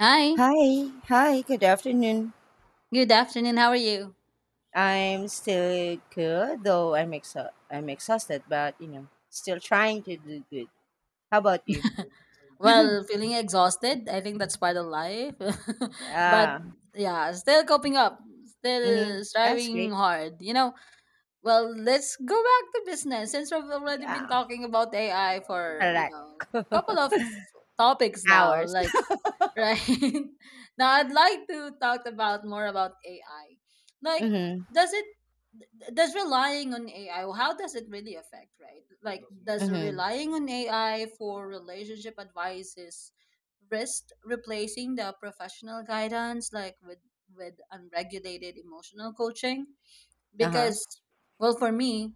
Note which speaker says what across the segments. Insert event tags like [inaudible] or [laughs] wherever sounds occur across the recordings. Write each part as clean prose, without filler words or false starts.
Speaker 1: Hi,
Speaker 2: Hi, hi, good afternoon.
Speaker 1: good afternoon. How are you?
Speaker 2: I'm still good, though I'm exhausted, but you know, still trying to do good. How about you?
Speaker 1: Well, feeling exhausted. I think that's part of life. [laughs] But
Speaker 2: Yeah,
Speaker 1: yeah, still coping up,
Speaker 2: mm-hmm,
Speaker 1: still
Speaker 2: that's
Speaker 1: striving
Speaker 2: great.
Speaker 1: hard. You know, well, let's go back to business since we've already been
Speaker 2: Yeah,
Speaker 1: talking about AI for,
Speaker 2: correct.
Speaker 1: couple of topics now.
Speaker 2: Hours. [laughs]
Speaker 1: Right? [laughs] Now I'd like to talk about more about AI. Like,
Speaker 2: Mm-hmm.
Speaker 1: does does relying on AI how does it really affect, right? Like, does
Speaker 2: Mm-hmm.
Speaker 1: relying on AI for relationship advice is risk replacing the professional guidance like with unregulated emotional coaching?
Speaker 2: Uh-huh.
Speaker 1: Because well, for me,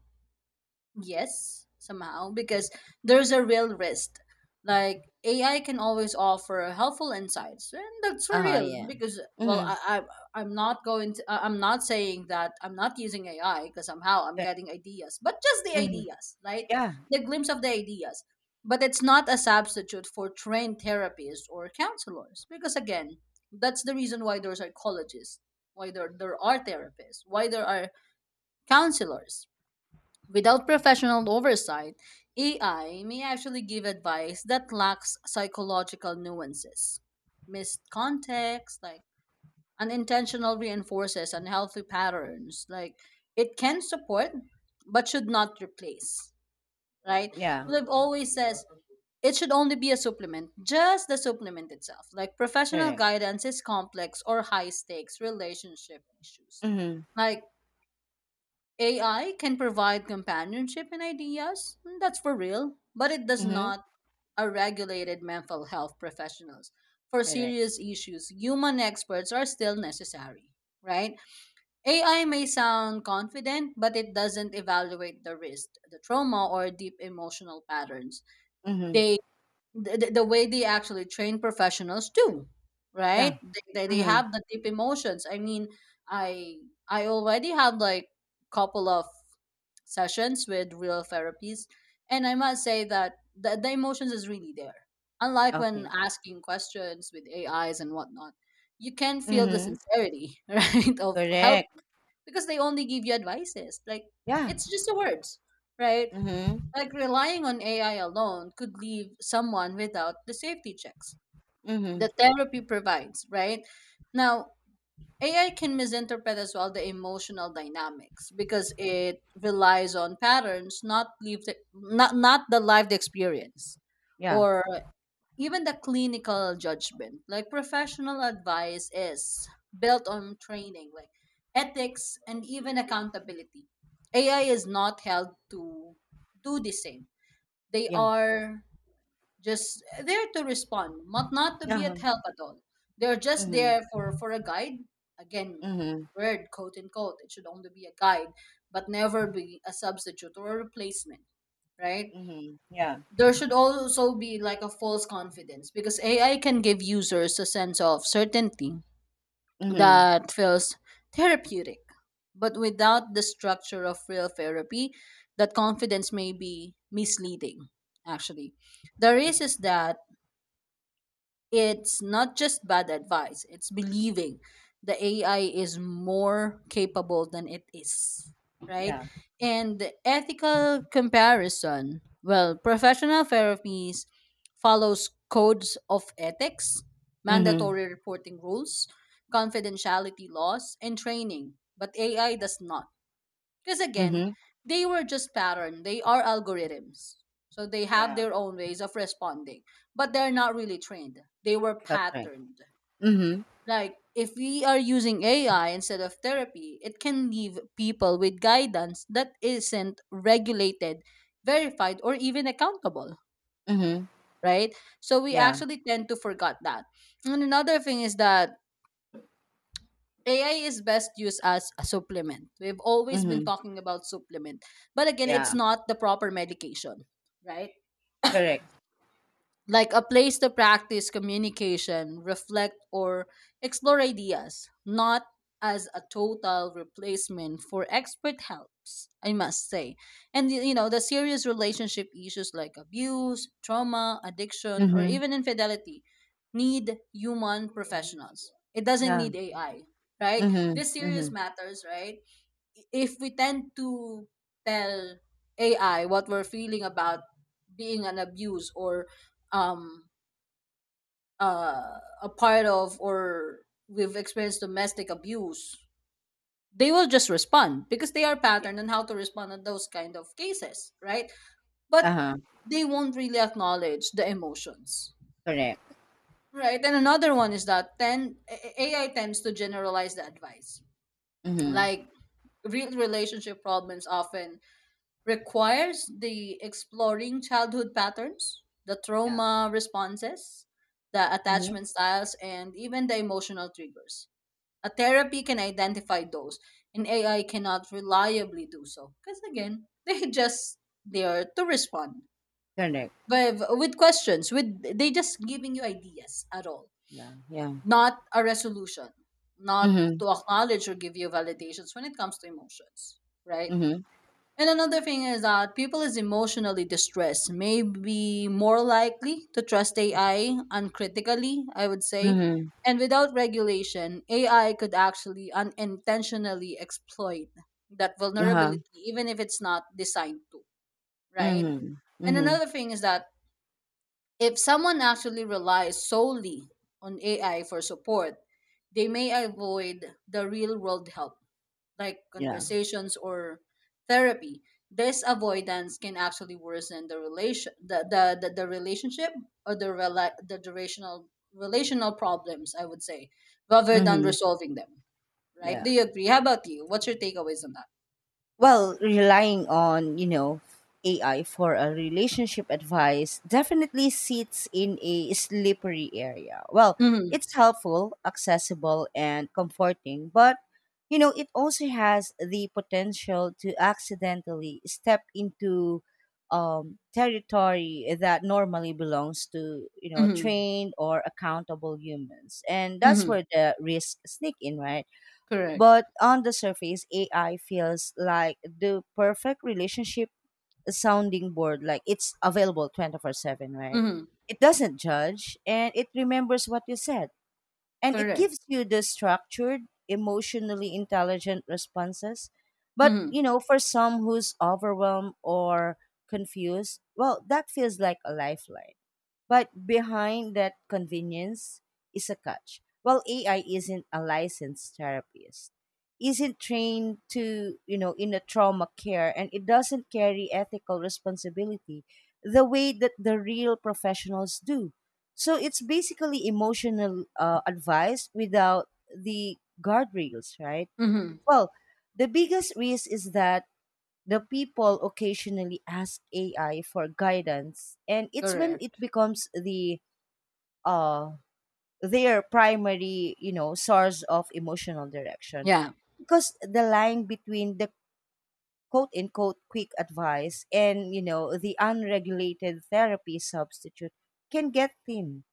Speaker 1: yes somehow because there's a real risk like AI can always offer helpful insights, and that's for
Speaker 2: Uh-huh.
Speaker 1: real
Speaker 2: Yeah.
Speaker 1: because well
Speaker 2: Mm-hmm.
Speaker 1: I, I I'm not going to I'm not saying that I'm not using AI because somehow I'm
Speaker 2: Yeah,
Speaker 1: getting ideas, but just the
Speaker 2: mm-hmm.
Speaker 1: ideas, right?
Speaker 2: Yeah.
Speaker 1: The glimpse of the ideas, but it's not a substitute for trained therapists or counselors because again that's the reason why there are psychologists, why there are therapists, why there are counselors. Without professional oversight, AI may actually give advice that lacks psychological nuances. Missed context, like unintentional reinforces unhealthy patterns. Like it can support but should not replace. Right?
Speaker 2: Yeah.
Speaker 1: Liv always says it should only be a supplement, just the supplement itself. Like professional
Speaker 2: Correct.
Speaker 1: guidance is complex or high stakes relationship issues.
Speaker 2: Mm-hmm.
Speaker 1: Like AI can provide companionship and ideas, hmm, that's for real, but it does
Speaker 2: Mm-hmm.
Speaker 1: not are regulated mental health professionals. For
Speaker 2: Correct.
Speaker 1: serious issues, human experts are still necessary, right? AI may sound confident, but it doesn't evaluate the risk, the trauma, or deep emotional patterns.
Speaker 2: Mm-hmm.
Speaker 1: They the way they actually train professionals do,
Speaker 2: Yeah.
Speaker 1: right? They
Speaker 2: Mm-hmm.
Speaker 1: have the deep emotions, I mean, i I already have like couple of sessions with real therapists, and I must say that the emotions is really there, unlike when
Speaker 2: Okay.
Speaker 1: asking questions with AIs and whatnot. You can feel the
Speaker 2: Mm-hmm.
Speaker 1: sincerity [laughs] right of help
Speaker 2: Correct.
Speaker 1: because they only give you advices, like
Speaker 2: Yeah.
Speaker 1: it's just the words, right?
Speaker 2: Mm-hmm.
Speaker 1: Like relying on AI alone could leave someone without the safety checks
Speaker 2: Mm-hmm.
Speaker 1: the therapy provides, right? Now, AI can misinterpret as well the emotional dynamics because it relies on patterns, not lived, not the lived experience,
Speaker 2: Yeah.
Speaker 1: or even the clinical judgment. Like professional advice is built on training, like ethics and even accountability. AI is not held to do the same. They
Speaker 2: Yeah.
Speaker 1: are just there to respond, not to be
Speaker 2: Uh-huh.
Speaker 1: at help at all. They're just
Speaker 2: Mm-hmm.
Speaker 1: there for a guide. Again,
Speaker 2: Mm-hmm.
Speaker 1: word quote unquote, it should only be a guide, but never be a substitute or a replacement, right?
Speaker 2: Mhm. Yeah.
Speaker 1: There should also be like a false confidence because AI can give users a sense of certainty
Speaker 2: Mhm.
Speaker 1: that feels therapeutic. But without the structure of real therapy, that confidence may be misleading, actually. The risk is that it's not just bad advice, it's believing the AI is more capable than it is, right?
Speaker 2: Yeah.
Speaker 1: And the ethical comparison, well, professional therapies follows codes of ethics,
Speaker 2: Mhm.
Speaker 1: mandatory reporting rules, confidentiality laws, and training, but AI
Speaker 2: Yeah.
Speaker 1: does not. Because again,
Speaker 2: Mhm.
Speaker 1: they were just pattern. They are algorithms. So they have
Speaker 2: Yeah.
Speaker 1: their own ways of responding, but they're not really trained. They were
Speaker 2: That's right.
Speaker 1: patterned.
Speaker 2: Mhm.
Speaker 1: Like if we are using AI instead of therapy, it can leave people with guidance that isn't regulated, verified, or even accountable,
Speaker 2: Mhm.
Speaker 1: right? So we
Speaker 2: Yeah.
Speaker 1: actually tend to forget that. And another thing is that AI is best used as a supplement. We've always been
Speaker 2: Mhm.
Speaker 1: talking about supplement. But again, it's
Speaker 2: Yeah.
Speaker 1: not the proper medication, right?
Speaker 2: Correct.
Speaker 1: Like a place to practice communication, reflect, or explore ideas, not as a total replacement for expert helps, I must say. And you know, the serious relationship issues like abuse, trauma, addiction, or
Speaker 2: Mhm.
Speaker 1: even infidelity need human professionals. It doesn't
Speaker 2: Yeah.
Speaker 1: need AI, right?
Speaker 2: Mhm.
Speaker 1: These serious
Speaker 2: Mhm.
Speaker 1: matters, right? If we tend to tell AI what we're feeling about being an abuse or um a part of, or we've experienced domestic abuse, they will just respond because they are
Speaker 2: Yeah.
Speaker 1: patterned on how to respond on those kind of cases, right? But
Speaker 2: Uh-huh.
Speaker 1: they won't really acknowledge the emotions.
Speaker 2: Correct.
Speaker 1: Right. And another one is that then AI tends to generalize the advice.
Speaker 2: Mhm.
Speaker 1: Like real relationship problems often requires the exploring childhood patterns, the
Speaker 2: Yeah.
Speaker 1: trauma responses, the
Speaker 2: Mhm.
Speaker 1: attachment styles, and even the emotional triggers. A therapy can identify those, and AI cannot reliably do so because again, [laughs] they just there to respond
Speaker 2: Correct.
Speaker 1: but with questions. With they just giving you ideas at all,
Speaker 2: Yeah. Yeah.
Speaker 1: not a resolution, not
Speaker 2: Mhm.
Speaker 1: to acknowledge or give you validations when it comes to emotions, right?
Speaker 2: Mhm.
Speaker 1: And another thing is that people is emotionally distressed may be more likely to trust AI uncritically, I would say.
Speaker 2: Mhm.
Speaker 1: And without regulation, AI could actually unintentionally exploit that
Speaker 2: Uh-huh.
Speaker 1: vulnerability, even if it's not designed to, right?
Speaker 2: Mhm.
Speaker 1: And
Speaker 2: Mhm.
Speaker 1: another thing is that if someone actually relies solely on AI for support, they may avoid the real world help like
Speaker 2: Yeah.
Speaker 1: conversations or therapy. This avoidance can actually worsen the relation the relationship or the the durational relational problems, I would say, rather than
Speaker 2: Mhm.
Speaker 1: resolving them. Right? Do
Speaker 2: Yeah.
Speaker 1: you agree? How about you? What's your takeaways on that?
Speaker 2: Well, relying on, you know, AI for a relationship advice definitely sits in a slippery area. Well,
Speaker 1: Mm-hmm.
Speaker 2: it's helpful, accessible and comforting, but you know, it also has the potential to accidentally step into territory that normally belongs to, you know,
Speaker 1: Mm-hmm.
Speaker 2: trained or accountable humans, and that's
Speaker 1: Mm-hmm.
Speaker 2: where the risks sneak in, right?
Speaker 1: Correct.
Speaker 2: But on the surface, AI feels like the perfect relationship sounding board. Like, it's available 24/7, right?
Speaker 1: Mm-hmm.
Speaker 2: It doesn't judge and it remembers what you said. And it
Speaker 1: Correct.
Speaker 2: gives you the structured, emotionally intelligent responses. But,
Speaker 1: Mm-hmm.
Speaker 2: you know, for some who's overwhelmed or confused, well, that feels like a lifeline. But behind that convenience is a catch. Well, AI isn't a licensed therapist, isn't trained to, you know, in a trauma care, and it doesn't carry ethical responsibility the way that the real professionals do. So it's basically emotional advice without the guardrails, right?
Speaker 1: Mm-hmm.
Speaker 2: Well, the biggest risk is that the people occasionally ask AI for guidance, and it's when it
Speaker 1: Correct.
Speaker 2: becomes the uh, their primary, you know, source of emotional direction.
Speaker 1: Yeah.
Speaker 2: Because the line between the quote unquote quick advice and, you know, the unregulated therapy substitute can get thin.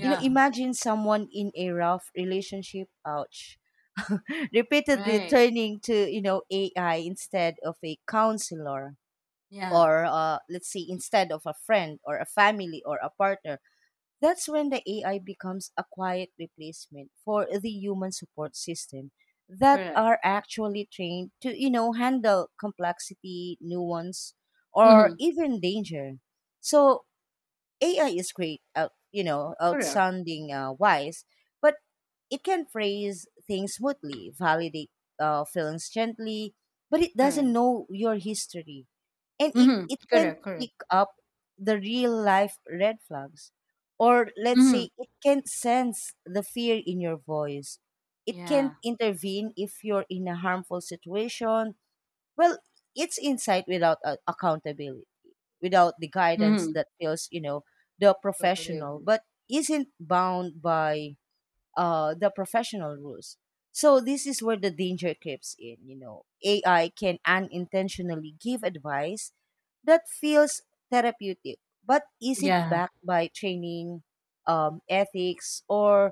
Speaker 2: You know, imagine someone in a rough relationship, ouch, [laughs] repeatedly
Speaker 1: Right.
Speaker 2: turning to, you know, AI instead of a counselor
Speaker 1: Yeah.
Speaker 2: or let's say instead of a friend or a family or a partner. That's when the AI becomes a quiet replacement for the human support system that
Speaker 1: Correct.
Speaker 2: are actually trained to, you know, handle complexity, nuance, or
Speaker 1: Mm-hmm.
Speaker 2: even danger. So AI is great, out, you know,
Speaker 1: Correct.
Speaker 2: outsounding wise, but it can phrase things smoothly, validate feelings gently, but it doesn't
Speaker 1: Correct.
Speaker 2: know your history and it,
Speaker 1: Mm-hmm.
Speaker 2: it can
Speaker 1: Correct. Correct.
Speaker 2: pick up the real life red flags, or let's
Speaker 1: Mm-hmm.
Speaker 2: say it can sense the fear in your voice, it can
Speaker 1: Yeah.
Speaker 2: intervene if you're in a harmful situation. Well, it's insight without accountability, without the guidance
Speaker 1: Mm-hmm.
Speaker 2: that feels, you know, the
Speaker 1: Totally
Speaker 2: professional,
Speaker 1: agree.
Speaker 2: but isn't bound by the professional rules. So this is where the danger creeps in. You know, AI can unintentionally give advice that feels therapeutic but isn't
Speaker 1: Yeah,
Speaker 2: backed by training, ethics, or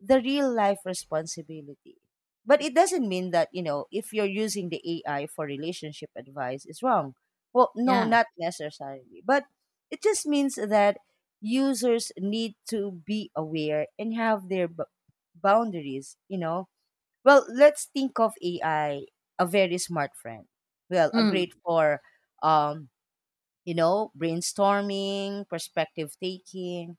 Speaker 2: the real life responsibility. But it doesn't mean that, you know, if you're using the AI for relationship advice, it's wrong. Well, no,
Speaker 1: yeah.
Speaker 2: not necessarily. But it just means that users need to be aware and have their boundaries, you know. Well, let's think of AI, a very smart friend. Well, a
Speaker 1: Mm,
Speaker 2: great for um, you know, brainstorming, perspective taking.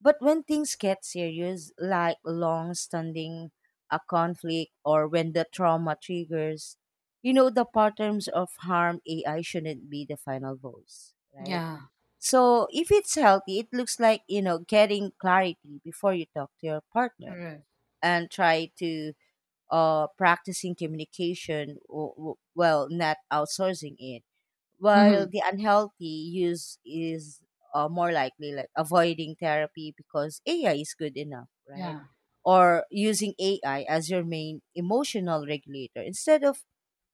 Speaker 2: But when things get serious, like long standing a conflict or when the trauma triggers, you know, the patterns of harm, AI shouldn't be the final voice, right?
Speaker 1: yeah,
Speaker 2: So if it's healthy, it looks like, you know, getting clarity before you talk to your partner
Speaker 1: correct.
Speaker 2: and try to practicing communication well, not outsourcing it,
Speaker 1: Hmm.
Speaker 2: while the unhealthy use is more likely like avoiding therapy because AI is good enough, right?
Speaker 1: Yeah,
Speaker 2: Or using AI as your main emotional regulator instead of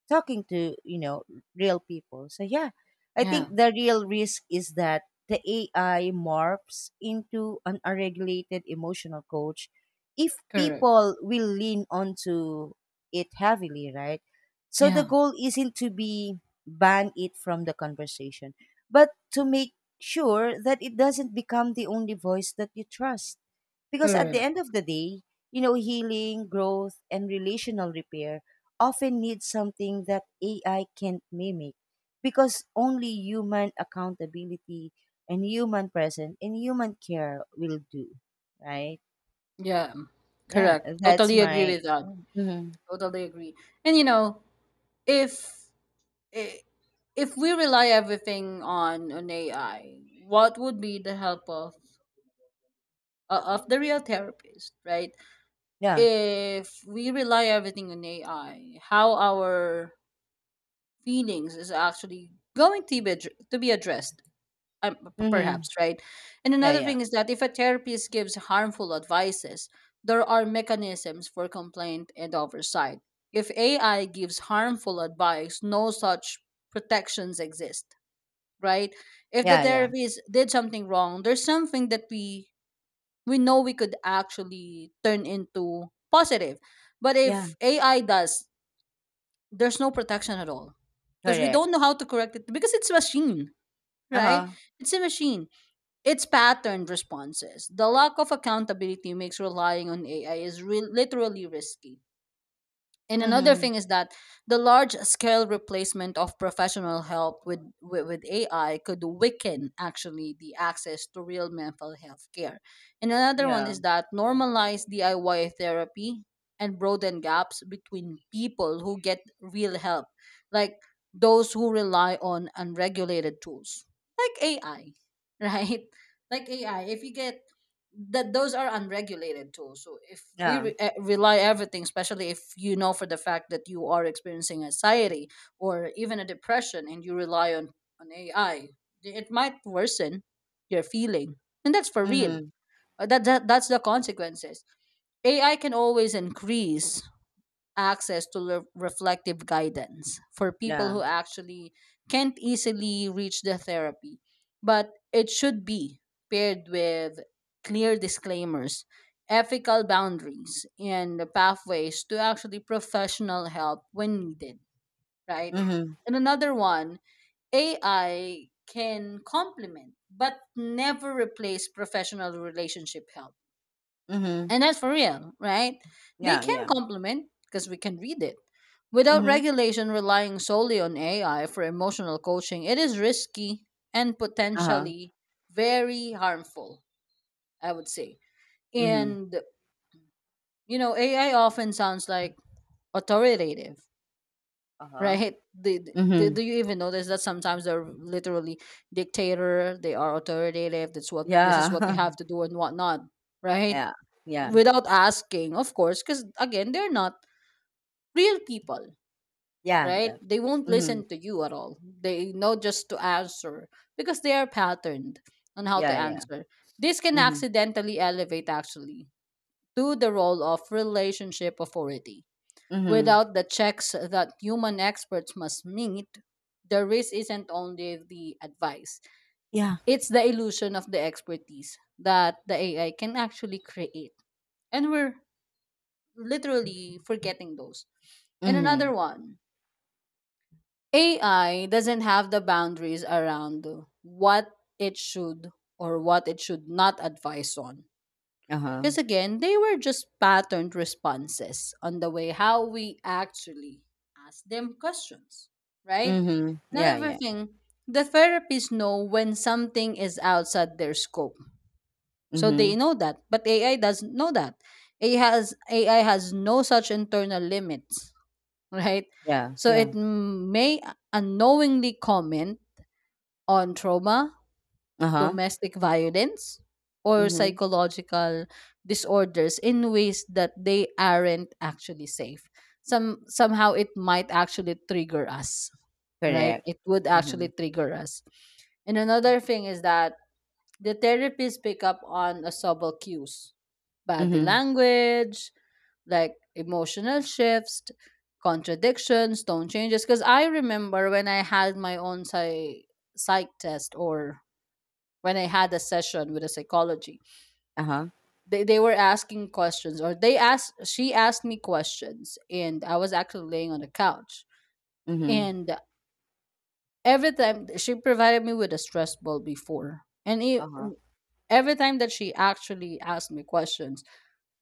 Speaker 2: talking to, you know, real people. So yeah, I think
Speaker 1: yeah,
Speaker 2: the real risk is that the AI morphs into an unregulated emotional coach if
Speaker 1: correct.
Speaker 2: people will lean onto it heavily, right? So the
Speaker 1: Yeah,
Speaker 2: goal isn't to be ban it from the conversation, but to make sure that it doesn't become the only voice that you trust, because at the
Speaker 1: correct.
Speaker 2: end of the day, you know, healing, growth and relational repair often need something that AI can't mimic, because only human accountability and human presence and human care will do, right?
Speaker 1: Yeah,
Speaker 2: Yeah,
Speaker 1: correct.
Speaker 2: that's
Speaker 1: Totally agree
Speaker 2: my
Speaker 1: with that.
Speaker 2: Mhm.
Speaker 1: Totally agree. And you know, if i- if we rely everything on an AI, what would be the help of the real therapist, right?
Speaker 2: Yeah.
Speaker 1: If we rely everything on AI, how our feelings is actually going to be to be addressed um, p-
Speaker 2: Hmm.
Speaker 1: perhaps, right? And
Speaker 2: Yeah,
Speaker 1: another
Speaker 2: yeah.
Speaker 1: thing is that if a therapist gives harmful advices, there are mechanisms for complaint and oversight. If AI gives harmful advice, no such protections exist, right? If the
Speaker 2: Yeah, yeah.
Speaker 1: therapist did something wrong, there's something that we know we could actually turn into positive. But
Speaker 2: Yeah,
Speaker 1: if AI does, there's no protection at all because we
Speaker 2: correct.
Speaker 1: don't know how to correct it because it's a machine, right?
Speaker 2: Uh-huh.
Speaker 1: It's a machine, it's patterned responses. The lack of accountability makes relying on AI is literally risky. And another
Speaker 2: Mm-hmm.
Speaker 1: thing is that the large scale replacement of professional help with AI could weaken actually the access to real mental health care. And another one
Speaker 2: Yeah.
Speaker 1: is that normalize DIY therapy and broaden gaps between people who get real help, like those who rely on unregulated tools, like AI, [laughs] right? Like AI, if you get that those are unregulated too. So if we
Speaker 2: Yeah.
Speaker 1: rely everything, especially if you know for the fact that you are experiencing anxiety or even a depression, and you rely on AI, it might worsen your feeling, and that's for real.
Speaker 2: Mm-hmm.
Speaker 1: That's the consequences. AI can always increase access to reflective guidance for people
Speaker 2: Yeah.
Speaker 1: who actually can't easily reach the therapy. But it should be paired with clear disclaimers, ethical boundaries, and the pathways to actually professional help when needed, right?
Speaker 2: Mm-hmm.
Speaker 1: And another one, AI can complement but never replace professional relationship help,
Speaker 2: Mm-hmm.
Speaker 1: and that's for real, right? They
Speaker 2: Yeah,
Speaker 1: can
Speaker 2: yeah.
Speaker 1: complement because we can read it. Without
Speaker 2: Mm-hmm.
Speaker 1: regulation relying solely on AI for emotional coaching, it is risky and
Speaker 2: Uh-huh.
Speaker 1: potentially very harmful, I would say.
Speaker 2: Mm-hmm.
Speaker 1: And, you know, AI often sounds like authoritative, [laughs]
Speaker 2: Uh-huh.
Speaker 1: right? Do,
Speaker 2: Mm-hmm.
Speaker 1: do you even notice that sometimes they're literally dictator, they are authoritative, that's what this is what you
Speaker 2: Yeah.
Speaker 1: have to
Speaker 2: [laughs]
Speaker 1: do and whatnot, right?
Speaker 2: Yeah. Yeah.
Speaker 1: Without asking, of course, because again, they're not real people,
Speaker 2: Yeah.
Speaker 1: right? They won't
Speaker 2: Mm-hmm.
Speaker 1: listen to you at all, they know just to answer because they are patterned on how to
Speaker 2: Yeah, yeah.
Speaker 1: answer. This can
Speaker 2: Mhm.
Speaker 1: accidentally elevate actually to the role of relationship authority
Speaker 2: Mhm.
Speaker 1: without the checks that human experts must meet. The risk isn't only the advice,
Speaker 2: Yeah.
Speaker 1: it's the illusion of the expertise that the AI can actually create, and we're literally forgetting those. And
Speaker 2: Mhm.
Speaker 1: another one, AI doesn't have the boundaries around what it should or what it should not advise on.
Speaker 2: Uh-huh.
Speaker 1: Because again, they were just patterned responses on the way how we actually ask them questions, right?
Speaker 2: Mhm. Yeah,
Speaker 1: Another
Speaker 2: yeah.
Speaker 1: thing, the therapists know when something is outside their scope. So
Speaker 2: Mhm.
Speaker 1: they know that, but AI doesn't know that. AI has no such internal limits, right?
Speaker 2: Yeah,
Speaker 1: So it
Speaker 2: yeah.
Speaker 1: may unknowingly comment on trauma,
Speaker 2: Uh-huh.
Speaker 1: domestic violence, or
Speaker 2: Mhm.
Speaker 1: psychological disorders in ways that they aren't actually safe. Some somehow it might actually trigger us, right?
Speaker 2: Correct.
Speaker 1: It would actually
Speaker 2: Mhm.
Speaker 1: trigger us. And another thing is that the therapists pick up on a subtle cues, body
Speaker 2: Mhm.
Speaker 1: language, like emotional shifts, contradictions, tone changes. Because I remember when I had my own psych test, or when I had a session with a psychology,
Speaker 2: Uh-huh.
Speaker 1: they were asking questions, or they asked, she asked me questions, and I was actually laying on the couch.
Speaker 2: Mhm.
Speaker 1: And every time she provided me with a stress ball before. And
Speaker 2: Uh-huh.
Speaker 1: every time that she actually asked me questions,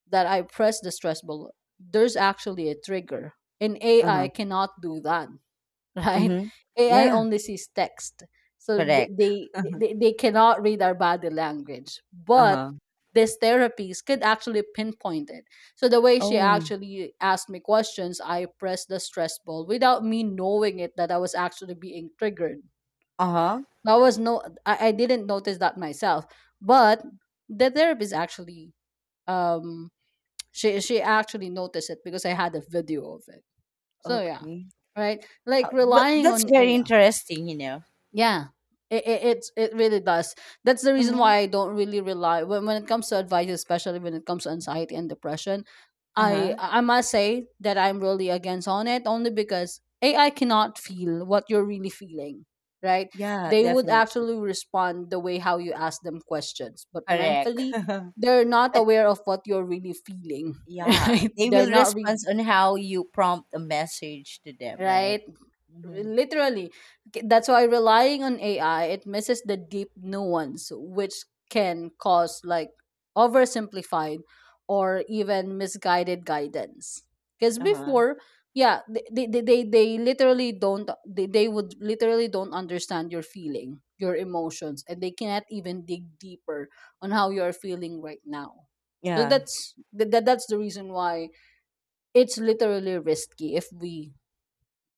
Speaker 1: that I press the stress ball, there's actually a trigger. And AI
Speaker 2: Uh-huh.
Speaker 1: cannot do that, [laughs] right?
Speaker 2: Mhm.
Speaker 1: AI
Speaker 2: Yeah,
Speaker 1: only sees text. So
Speaker 2: correct.
Speaker 1: they cannot read our body language. But
Speaker 2: Uh-huh.
Speaker 1: these therapies could actually pinpoint it. So the way she
Speaker 2: Oh.
Speaker 1: actually asked me questions, I pressed the stress ball without me knowing it, that I was actually being triggered.
Speaker 2: Uh-huh.
Speaker 1: That was no, I didn't notice that myself. But the therapist actually um she actually noticed it because I had a video of it. So yeah,
Speaker 2: Okay.
Speaker 1: right? Like
Speaker 2: But
Speaker 1: relying
Speaker 2: that's
Speaker 1: on
Speaker 2: very
Speaker 1: AI.
Speaker 2: interesting, you know.
Speaker 1: Yeah. It really does. That's the reason
Speaker 2: Mhm.
Speaker 1: why I don't really rely when it comes to advice, especially when it comes to anxiety and depression. I
Speaker 2: Uh-huh.
Speaker 1: I must say that I'm really against on it only because AI cannot feel what you're really feeling, right?
Speaker 2: Yeah,
Speaker 1: They would
Speaker 2: definitely.
Speaker 1: actually respond the way how you ask them questions, but
Speaker 2: Correct.
Speaker 1: mentally they're
Speaker 2: [laughs]
Speaker 1: not
Speaker 2: But
Speaker 1: aware of what you're really feeling, [laughs]
Speaker 2: yeah,
Speaker 1: right?
Speaker 2: they
Speaker 1: They're
Speaker 2: will
Speaker 1: not
Speaker 2: respond
Speaker 1: really
Speaker 2: on how you prompt a message to them,
Speaker 1: right
Speaker 2: right? Mhm.
Speaker 1: literally. That's why relying on ai, it misses the deep nuance, which can cause like oversimplified or even misguided guidance. Because
Speaker 2: Uh-huh.
Speaker 1: before, yeah, they literally don't, they would literally don't understand your feeling, your emotions, and they cannot even dig deeper on how you are feeling right now. So
Speaker 2: Yeah,
Speaker 1: that's that's the reason why it's literally risky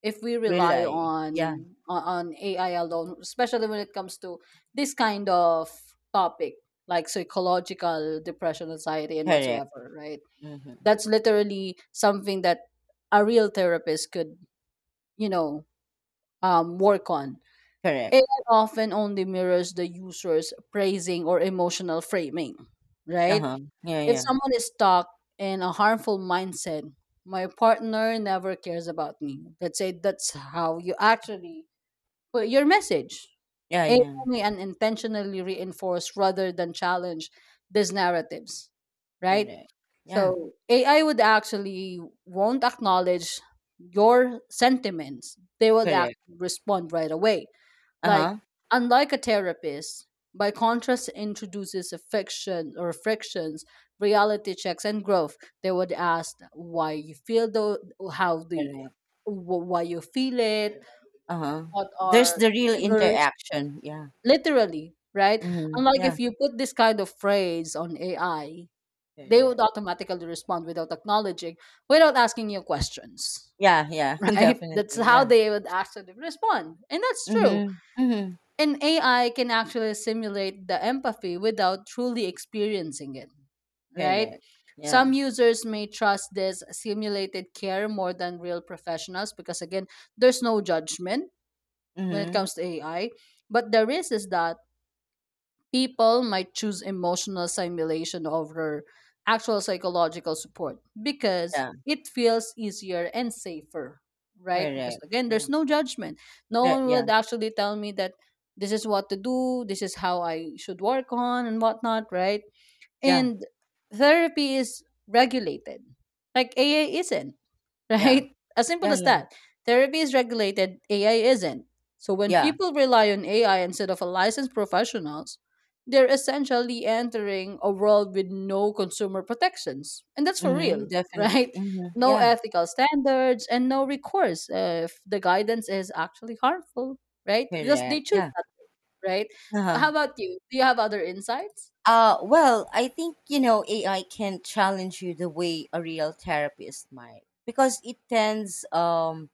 Speaker 1: if we rely
Speaker 2: rely. Yeah,
Speaker 1: on AI alone, especially when it comes to this kind of topic, like psychological depression, anxiety, and
Speaker 2: correct.
Speaker 1: whatsoever, right?
Speaker 2: Mhm,
Speaker 1: That's literally something that a real therapist could, you know, work on.
Speaker 2: correct.
Speaker 1: AI often only mirrors the user's praising or emotional framing, right?
Speaker 2: Uh-huh. Yeah,
Speaker 1: If
Speaker 2: yeah.
Speaker 1: someone is stuck in a harmful mindset, my partner never cares about me. Let's say that's how you actually well, your message
Speaker 2: Yeah, yeah.
Speaker 1: aiming and intentionally reinforce rather than challenge these narratives, right?
Speaker 2: Correct. Yeah,
Speaker 1: So ai would actually won't acknowledge your sentiments, they will
Speaker 2: correct.
Speaker 1: actually respond right away, like
Speaker 2: Uh-huh.
Speaker 1: unlike a therapist by contrast introduces affection or frictions, reality checks, and growth. They would ask why you feel though, how the
Speaker 2: Correct.
Speaker 1: why you feel it,
Speaker 2: Uh-huh.
Speaker 1: what
Speaker 2: There's
Speaker 1: are
Speaker 2: the real
Speaker 1: triggers,
Speaker 2: interaction. Yeah.
Speaker 1: literally, right?
Speaker 2: Mm-hmm.
Speaker 1: Unlike
Speaker 2: Yeah,
Speaker 1: if you put this kind of phrase on ai, they would
Speaker 2: correct.
Speaker 1: automatically respond without acknowledging, without asking you questions,
Speaker 2: Yeah, yeah, [laughs]
Speaker 1: right? [laughs] That's
Speaker 2: definitely.
Speaker 1: how
Speaker 2: Yeah.
Speaker 1: they would actually respond, and that's true.
Speaker 2: Mm-hmm. Mm-hmm.
Speaker 1: And ai can actually simulate the empathy without truly experiencing it, right?
Speaker 2: Correct. Yeah.
Speaker 1: Some users may trust this simulated care more than real professionals, because again, there's no judgment when it
Speaker 2: Mm-hmm.
Speaker 1: comes to ai. But the risk is that people might choose emotional simulation over actual psychological support because
Speaker 2: Yeah,
Speaker 1: it feels easier and safer, right? Because
Speaker 2: correct.
Speaker 1: again,
Speaker 2: Yeah.
Speaker 1: there's no judgment. No
Speaker 2: Yeah,
Speaker 1: one
Speaker 2: yeah.
Speaker 1: would actually tell me that this is what to do, this is how I should work on, and whatnot, right?
Speaker 2: Yeah,
Speaker 1: And therapy is regulated, like AA isn't. [laughs]
Speaker 2: yeah.
Speaker 1: Right? As simple
Speaker 2: Yeah,
Speaker 1: as
Speaker 2: yeah.
Speaker 1: that. Therapy is regulated, AI isn't. So when
Speaker 2: Yeah.
Speaker 1: people rely on AI instead of a licensed professionals, they're essentially entering a world with no consumer protections. And that's for
Speaker 2: Mm-hmm.
Speaker 1: real, [laughs]
Speaker 2: Definitely.
Speaker 1: right?
Speaker 2: Mm-hmm.
Speaker 1: No
Speaker 2: Yeah,
Speaker 1: ethical standards and no recourse, if the guidance is actually harmful, right? Because they
Speaker 2: correct.
Speaker 1: choose
Speaker 2: Yeah.
Speaker 1: that, right?
Speaker 2: Uh-huh.
Speaker 1: How about you? Do you have other insights?
Speaker 2: Well, I think, you know, AI can challenge you the way a real therapist might, because it tends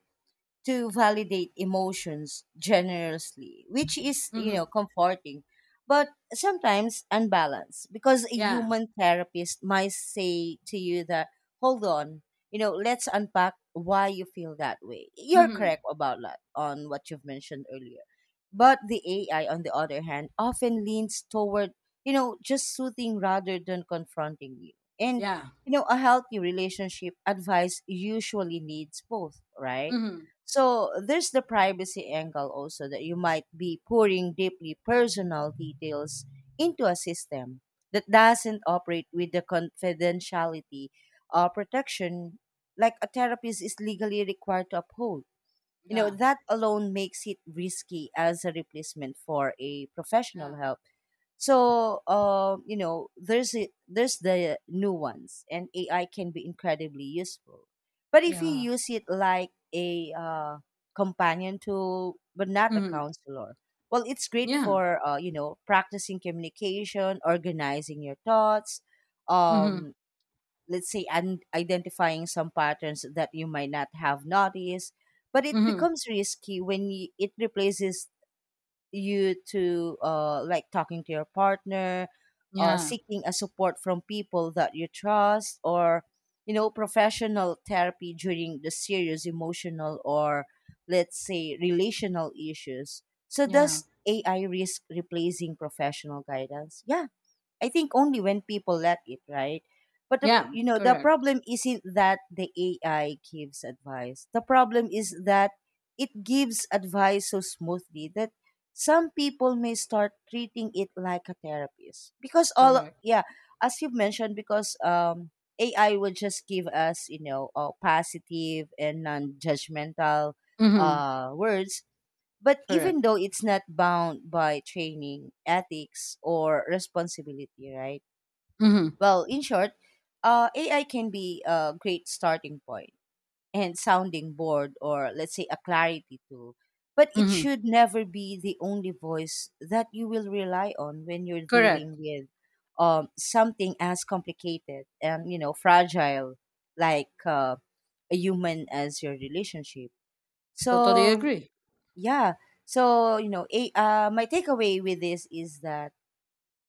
Speaker 2: to validate emotions generously, which is, you know,
Speaker 1: Mm-hmm.
Speaker 2: comforting, but sometimes unbalanced, because a
Speaker 1: Yeah.
Speaker 2: human therapist might say to you that, hold on, you know, let's unpack why you feel that way. You're
Speaker 1: Mm-hmm.
Speaker 2: correct about that on what you've mentioned earlier. But the AI, on the other hand, often leans toward, you know, just soothing rather than confronting you. And,
Speaker 1: Yeah.
Speaker 2: you know, a healthy relationship advice usually needs both, right?
Speaker 1: Mm-hmm.
Speaker 2: So there's the privacy angle also, that you might be pouring deeply personal details into a system that doesn't operate with the confidentiality or protection like a therapist is legally required to uphold. You know,
Speaker 1: Yeah.
Speaker 2: that alone makes it risky as a replacement for a professional
Speaker 1: Yeah.
Speaker 2: help. So, you know, there's the nuance, and AI can be incredibly useful. But if you
Speaker 1: Yeah.
Speaker 2: use it like a companion tool, but not a
Speaker 1: Mm-hmm.
Speaker 2: counselor, well, it's great
Speaker 1: Yeah.
Speaker 2: for you know, practicing communication, organizing your thoughts,
Speaker 1: Mhm.
Speaker 2: um, let's say, and identifying some patterns that you might not have noticed. But it
Speaker 1: Mhm.
Speaker 2: becomes risky when y it replaces you to like talking to your partner,
Speaker 1: Yeah.
Speaker 2: seeking a support from people that you trust, or you know, professional therapy during the serious emotional or let's say relational issues. So
Speaker 1: Yeah.
Speaker 2: does AI risk replacing professional guidance? Yeah, I think only when people let it, right? But the,
Speaker 1: Yeah.
Speaker 2: you know, the
Speaker 1: Correct.
Speaker 2: problem isn't that the AI gives advice. The problem is that it gives advice so smoothly that some people may start treating it like a therapist, because all
Speaker 1: Correct.
Speaker 2: yeah, as you've mentioned, because AI will just give us, you know, positive and non-judgmental
Speaker 1: Mhm.
Speaker 2: words, but
Speaker 1: Correct.
Speaker 2: even though it's not bound by training, ethics, or responsibility, right?
Speaker 1: Mhm.
Speaker 2: Well, in short, AI can be a great starting point and sounding board, or let's say a clarity tool. But it
Speaker 1: Mhm.
Speaker 2: should never be the only voice that you will rely on when you're
Speaker 1: Correct.
Speaker 2: dealing with something as complicated and, you know, fragile, like a human as your relationship.
Speaker 1: Totally
Speaker 2: So
Speaker 1: agree.
Speaker 2: yeah. So, you know, my takeaway with this is that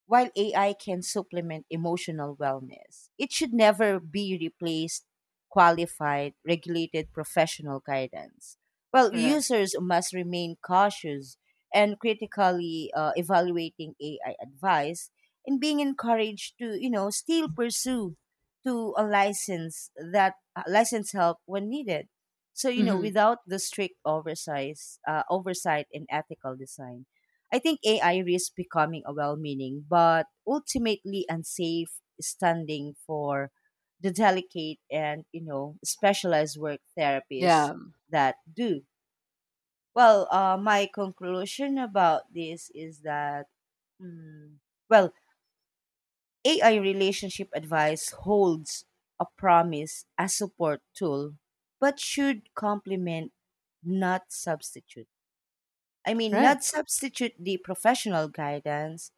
Speaker 2: while AI can supplement emotional wellness, it should never be replaced qualified, regulated professional guidance. Well,
Speaker 1: Correct.
Speaker 2: users must remain cautious and critically evaluating AI advice and being encouraged to, you know, still pursue to a license that license help when needed. So, you know,
Speaker 1: Mhm.
Speaker 2: without the strict oversight oversight and ethical design, I think AI risks becoming a well meaning but ultimately unsafe standing for the delicate and, you know, specialized work therapists
Speaker 1: Yeah.
Speaker 2: that do. Well, my conclusion about this is that, mm, well, AI relationship advice holds a promise as support tool, but should complement, not substitute. I mean,
Speaker 1: Correct.
Speaker 2: not substitute the professional guidance,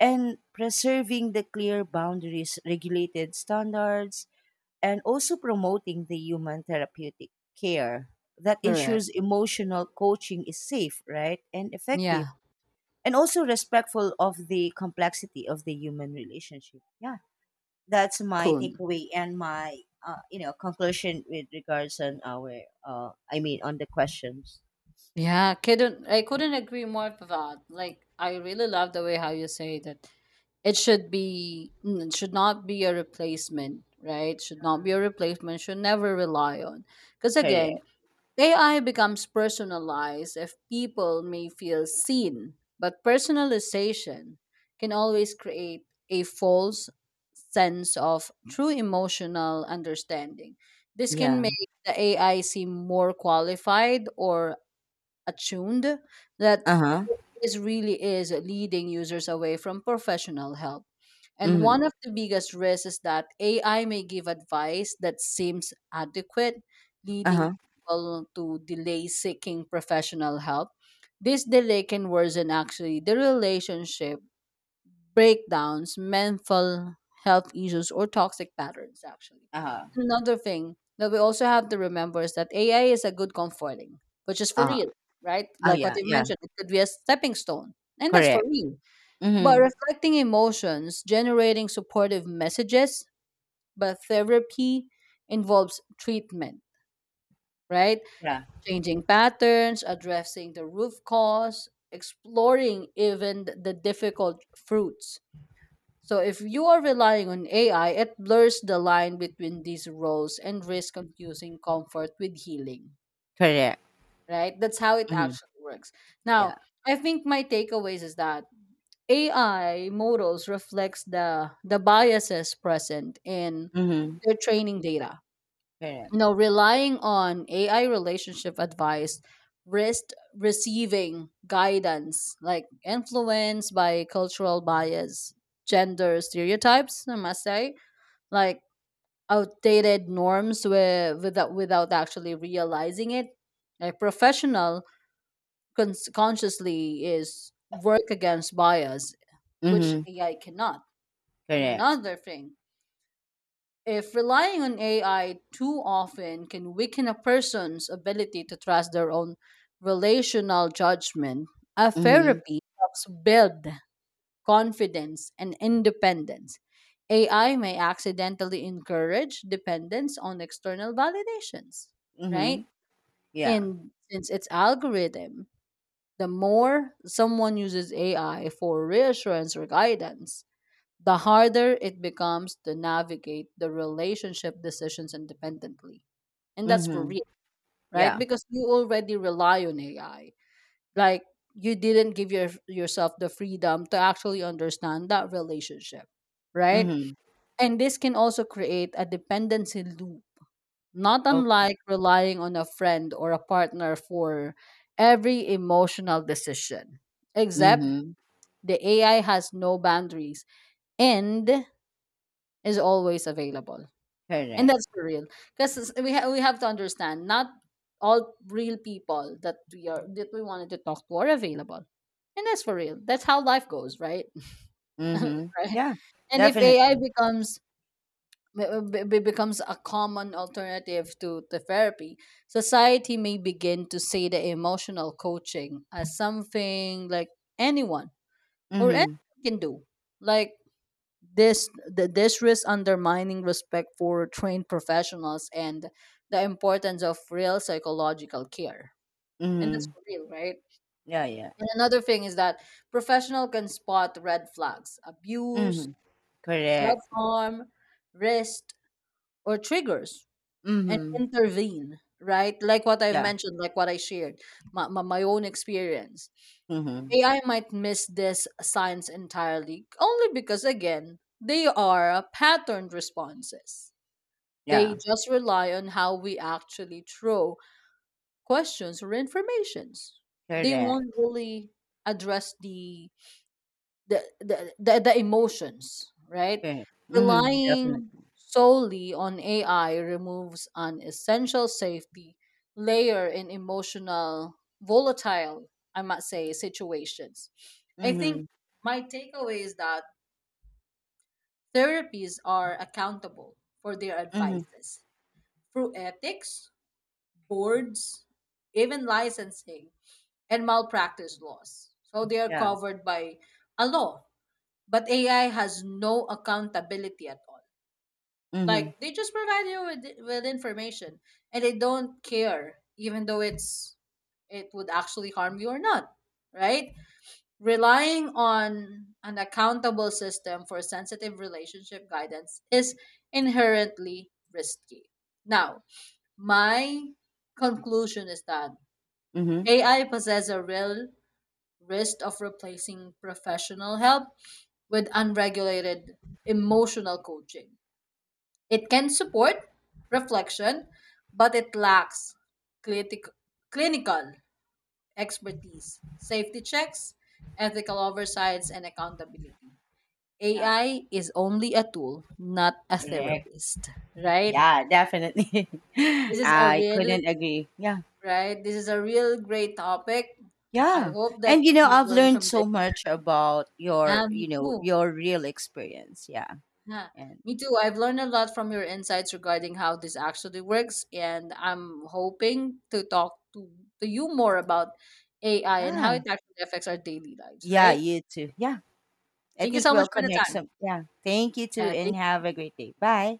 Speaker 2: and preserving the clear boundaries, regulated standards, and also promoting the human therapeutic care that
Speaker 1: Correct.
Speaker 2: ensures emotional coaching is safe, right, and effective,
Speaker 1: Yeah.
Speaker 2: and also respectful of the complexity of the human relationship. Yeah, that's my
Speaker 1: Cool.
Speaker 2: takeaway and my you know, conclusion with regards on our I mean, on the questions.
Speaker 1: Yeah. Couldn't I couldn't agree more to that. Like I really love the way how you say that it should be it should not be a replacement, right? Should not be a replacement. Should never rely on. Because again,
Speaker 2: Correct.
Speaker 1: AI becomes personalized, if people may feel seen, but personalization can always create a false sense of true emotional understanding. This can
Speaker 2: Yeah.
Speaker 1: make the AI seem more qualified or attuned that
Speaker 2: Uh
Speaker 1: it is really is, leading users away from professional help. And
Speaker 2: huh.
Speaker 1: one of the biggest risks is that AI may give advice that seems adequate,
Speaker 2: Uh-huh.
Speaker 1: leading people to delay seeking professional help. This delay can worsen actually the relationship, breakdowns, mental health issues, or toxic patterns, actually.
Speaker 2: Uh-huh.
Speaker 1: Another thing that we also have to remember is that AI is a good comforting, which is for
Speaker 2: Huh.
Speaker 1: real, right?
Speaker 2: Uh oh,
Speaker 1: Like what
Speaker 2: yeah,
Speaker 1: you
Speaker 2: yeah,
Speaker 1: mentioned, it could be a stepping stone. And that's for
Speaker 2: correct.
Speaker 1: real, but
Speaker 2: Mhm.
Speaker 1: reflecting emotions, generating supportive messages, but therapy involves treatment, right?
Speaker 2: Yeah.
Speaker 1: Changing patterns, addressing the root cause, exploring even the difficult fruits. So if you are relying on AI, it blurs the line between these roles and risks confusing comfort with healing,
Speaker 2: Correct.
Speaker 1: right? That's how it
Speaker 2: Mhm.
Speaker 1: actually works. Now,
Speaker 2: Yeah.
Speaker 1: I think my takeaways is that AI models reflects the biases present in
Speaker 2: Mhm.
Speaker 1: their training data.
Speaker 2: Correct.
Speaker 1: You know, relying on AI relationship advice risk receiving guidance like influenced by cultural bias, gender stereotypes, I must say, like outdated norms without actually realizing it. A professional consciously is work against bias, which
Speaker 2: Mhm.
Speaker 1: AI cannot. And
Speaker 2: Correct.
Speaker 1: another thing, if relying on AI too often can weaken a person's ability to trust their own relational judgment, a
Speaker 2: Mhm.
Speaker 1: therapy helps build confidence and independence. AI may accidentally encourage dependence on external validations, right?
Speaker 2: Mhm. Yeah.
Speaker 1: And since it's algorithm, the more someone uses AI for reassurance or guidance, the harder it becomes to navigate the relationship decisions independently. And that's for
Speaker 2: Mhm.
Speaker 1: real, right?
Speaker 2: Yeah.
Speaker 1: Because you already rely on AI. Like you didn't give yourself the freedom to actually understand that relationship, right?
Speaker 2: Mhm.
Speaker 1: And this can also create a dependency loop, not
Speaker 2: Okay.
Speaker 1: unlike relying on a friend or a partner for every emotional decision, except
Speaker 2: Mhm.
Speaker 1: the AI has no boundaries and is always available. And
Speaker 2: Correct.
Speaker 1: that's for real, because we we have to understand not all real people that we are that we wanted to talk to are available, and that's for real. That's how life goes, right? [laughs]
Speaker 2: Mhm.
Speaker 1: Right.
Speaker 2: Yeah.
Speaker 1: And if AI
Speaker 2: Definitely.
Speaker 1: becomes becomes a common alternative to the therapy, society may begin to see the emotional coaching as something like anyone or
Speaker 2: Mhm.
Speaker 1: anyone can do. Like this this risk undermining respect for trained professionals and the importance of real psychological care, and that's
Speaker 2: Mhm.
Speaker 1: for real, right?
Speaker 2: Yeah. Yeah.
Speaker 1: And another thing is that professional can spot red flags, abuse,
Speaker 2: Mhm. Correct.
Speaker 1: self-harm, risk, or triggers, and
Speaker 2: Mhm.
Speaker 1: intervene, right? Like what I've
Speaker 2: Yeah.
Speaker 1: mentioned, like what I shared, my own experience.
Speaker 2: Mhm.
Speaker 1: Ai might miss this signs entirely only because again they are patterned responses. They
Speaker 2: Yeah.
Speaker 1: just rely on how we actually throw questions or informations. They
Speaker 2: Correct.
Speaker 1: won't really address the emotions, right?
Speaker 2: Correct. Mhm.
Speaker 1: Relying
Speaker 2: Definitely.
Speaker 1: solely on AI removes an essential safety layer in emotional volatile, I might say, situations. I think
Speaker 2: Mhm.
Speaker 1: my takeaway is that therapies are accountable for their
Speaker 2: Mhm.
Speaker 1: advices through ethics, boards, even licensing, and malpractice laws. So they are
Speaker 2: Yeah.
Speaker 1: covered by a law. But AI has no accountability at all. Like
Speaker 2: Mhm.
Speaker 1: they just provide you with information, and they don't care even though it's it would actually harm you or not, right? Relying on an accountable system for sensitive relationship guidance is inherently risky. Now, my conclusion is that
Speaker 2: Mhm.
Speaker 1: AI possesses a real risk of replacing professional help with unregulated emotional coaching. It can support reflection, but it lacks clitic- clinical expertise, safety checks, ethical oversights, and accountability.
Speaker 2: Yeah.
Speaker 1: AI is only a tool, not a
Speaker 2: Correct.
Speaker 1: therapist, right?
Speaker 2: Yeah, definitely. [laughs]
Speaker 1: This is a
Speaker 2: I
Speaker 1: real,
Speaker 2: couldn't agree. Yeah.
Speaker 1: right? This is a real great topic. I
Speaker 2: Yeah.
Speaker 1: hope that
Speaker 2: And you know,
Speaker 1: you've
Speaker 2: I've
Speaker 1: learned
Speaker 2: learned
Speaker 1: from this.
Speaker 2: so much about
Speaker 1: Yeah,
Speaker 2: your,
Speaker 1: me
Speaker 2: you know,
Speaker 1: too.
Speaker 2: your real experience. Yeah.
Speaker 1: Yeah,
Speaker 2: And
Speaker 1: me too. I've learned a lot from your insights regarding how this actually works, and I'm hoping to talk to you more about AI and how
Speaker 2: yeah.
Speaker 1: it actually affects our daily lives,
Speaker 2: Yeah,
Speaker 1: right?
Speaker 2: you too. Yeah. I
Speaker 1: Thank you
Speaker 2: think
Speaker 1: so much
Speaker 2: we'll
Speaker 1: for the
Speaker 2: connect
Speaker 1: time.
Speaker 2: some. Yeah. Thank you too
Speaker 1: Yeah,
Speaker 2: and
Speaker 1: thank
Speaker 2: have a great day. Bye.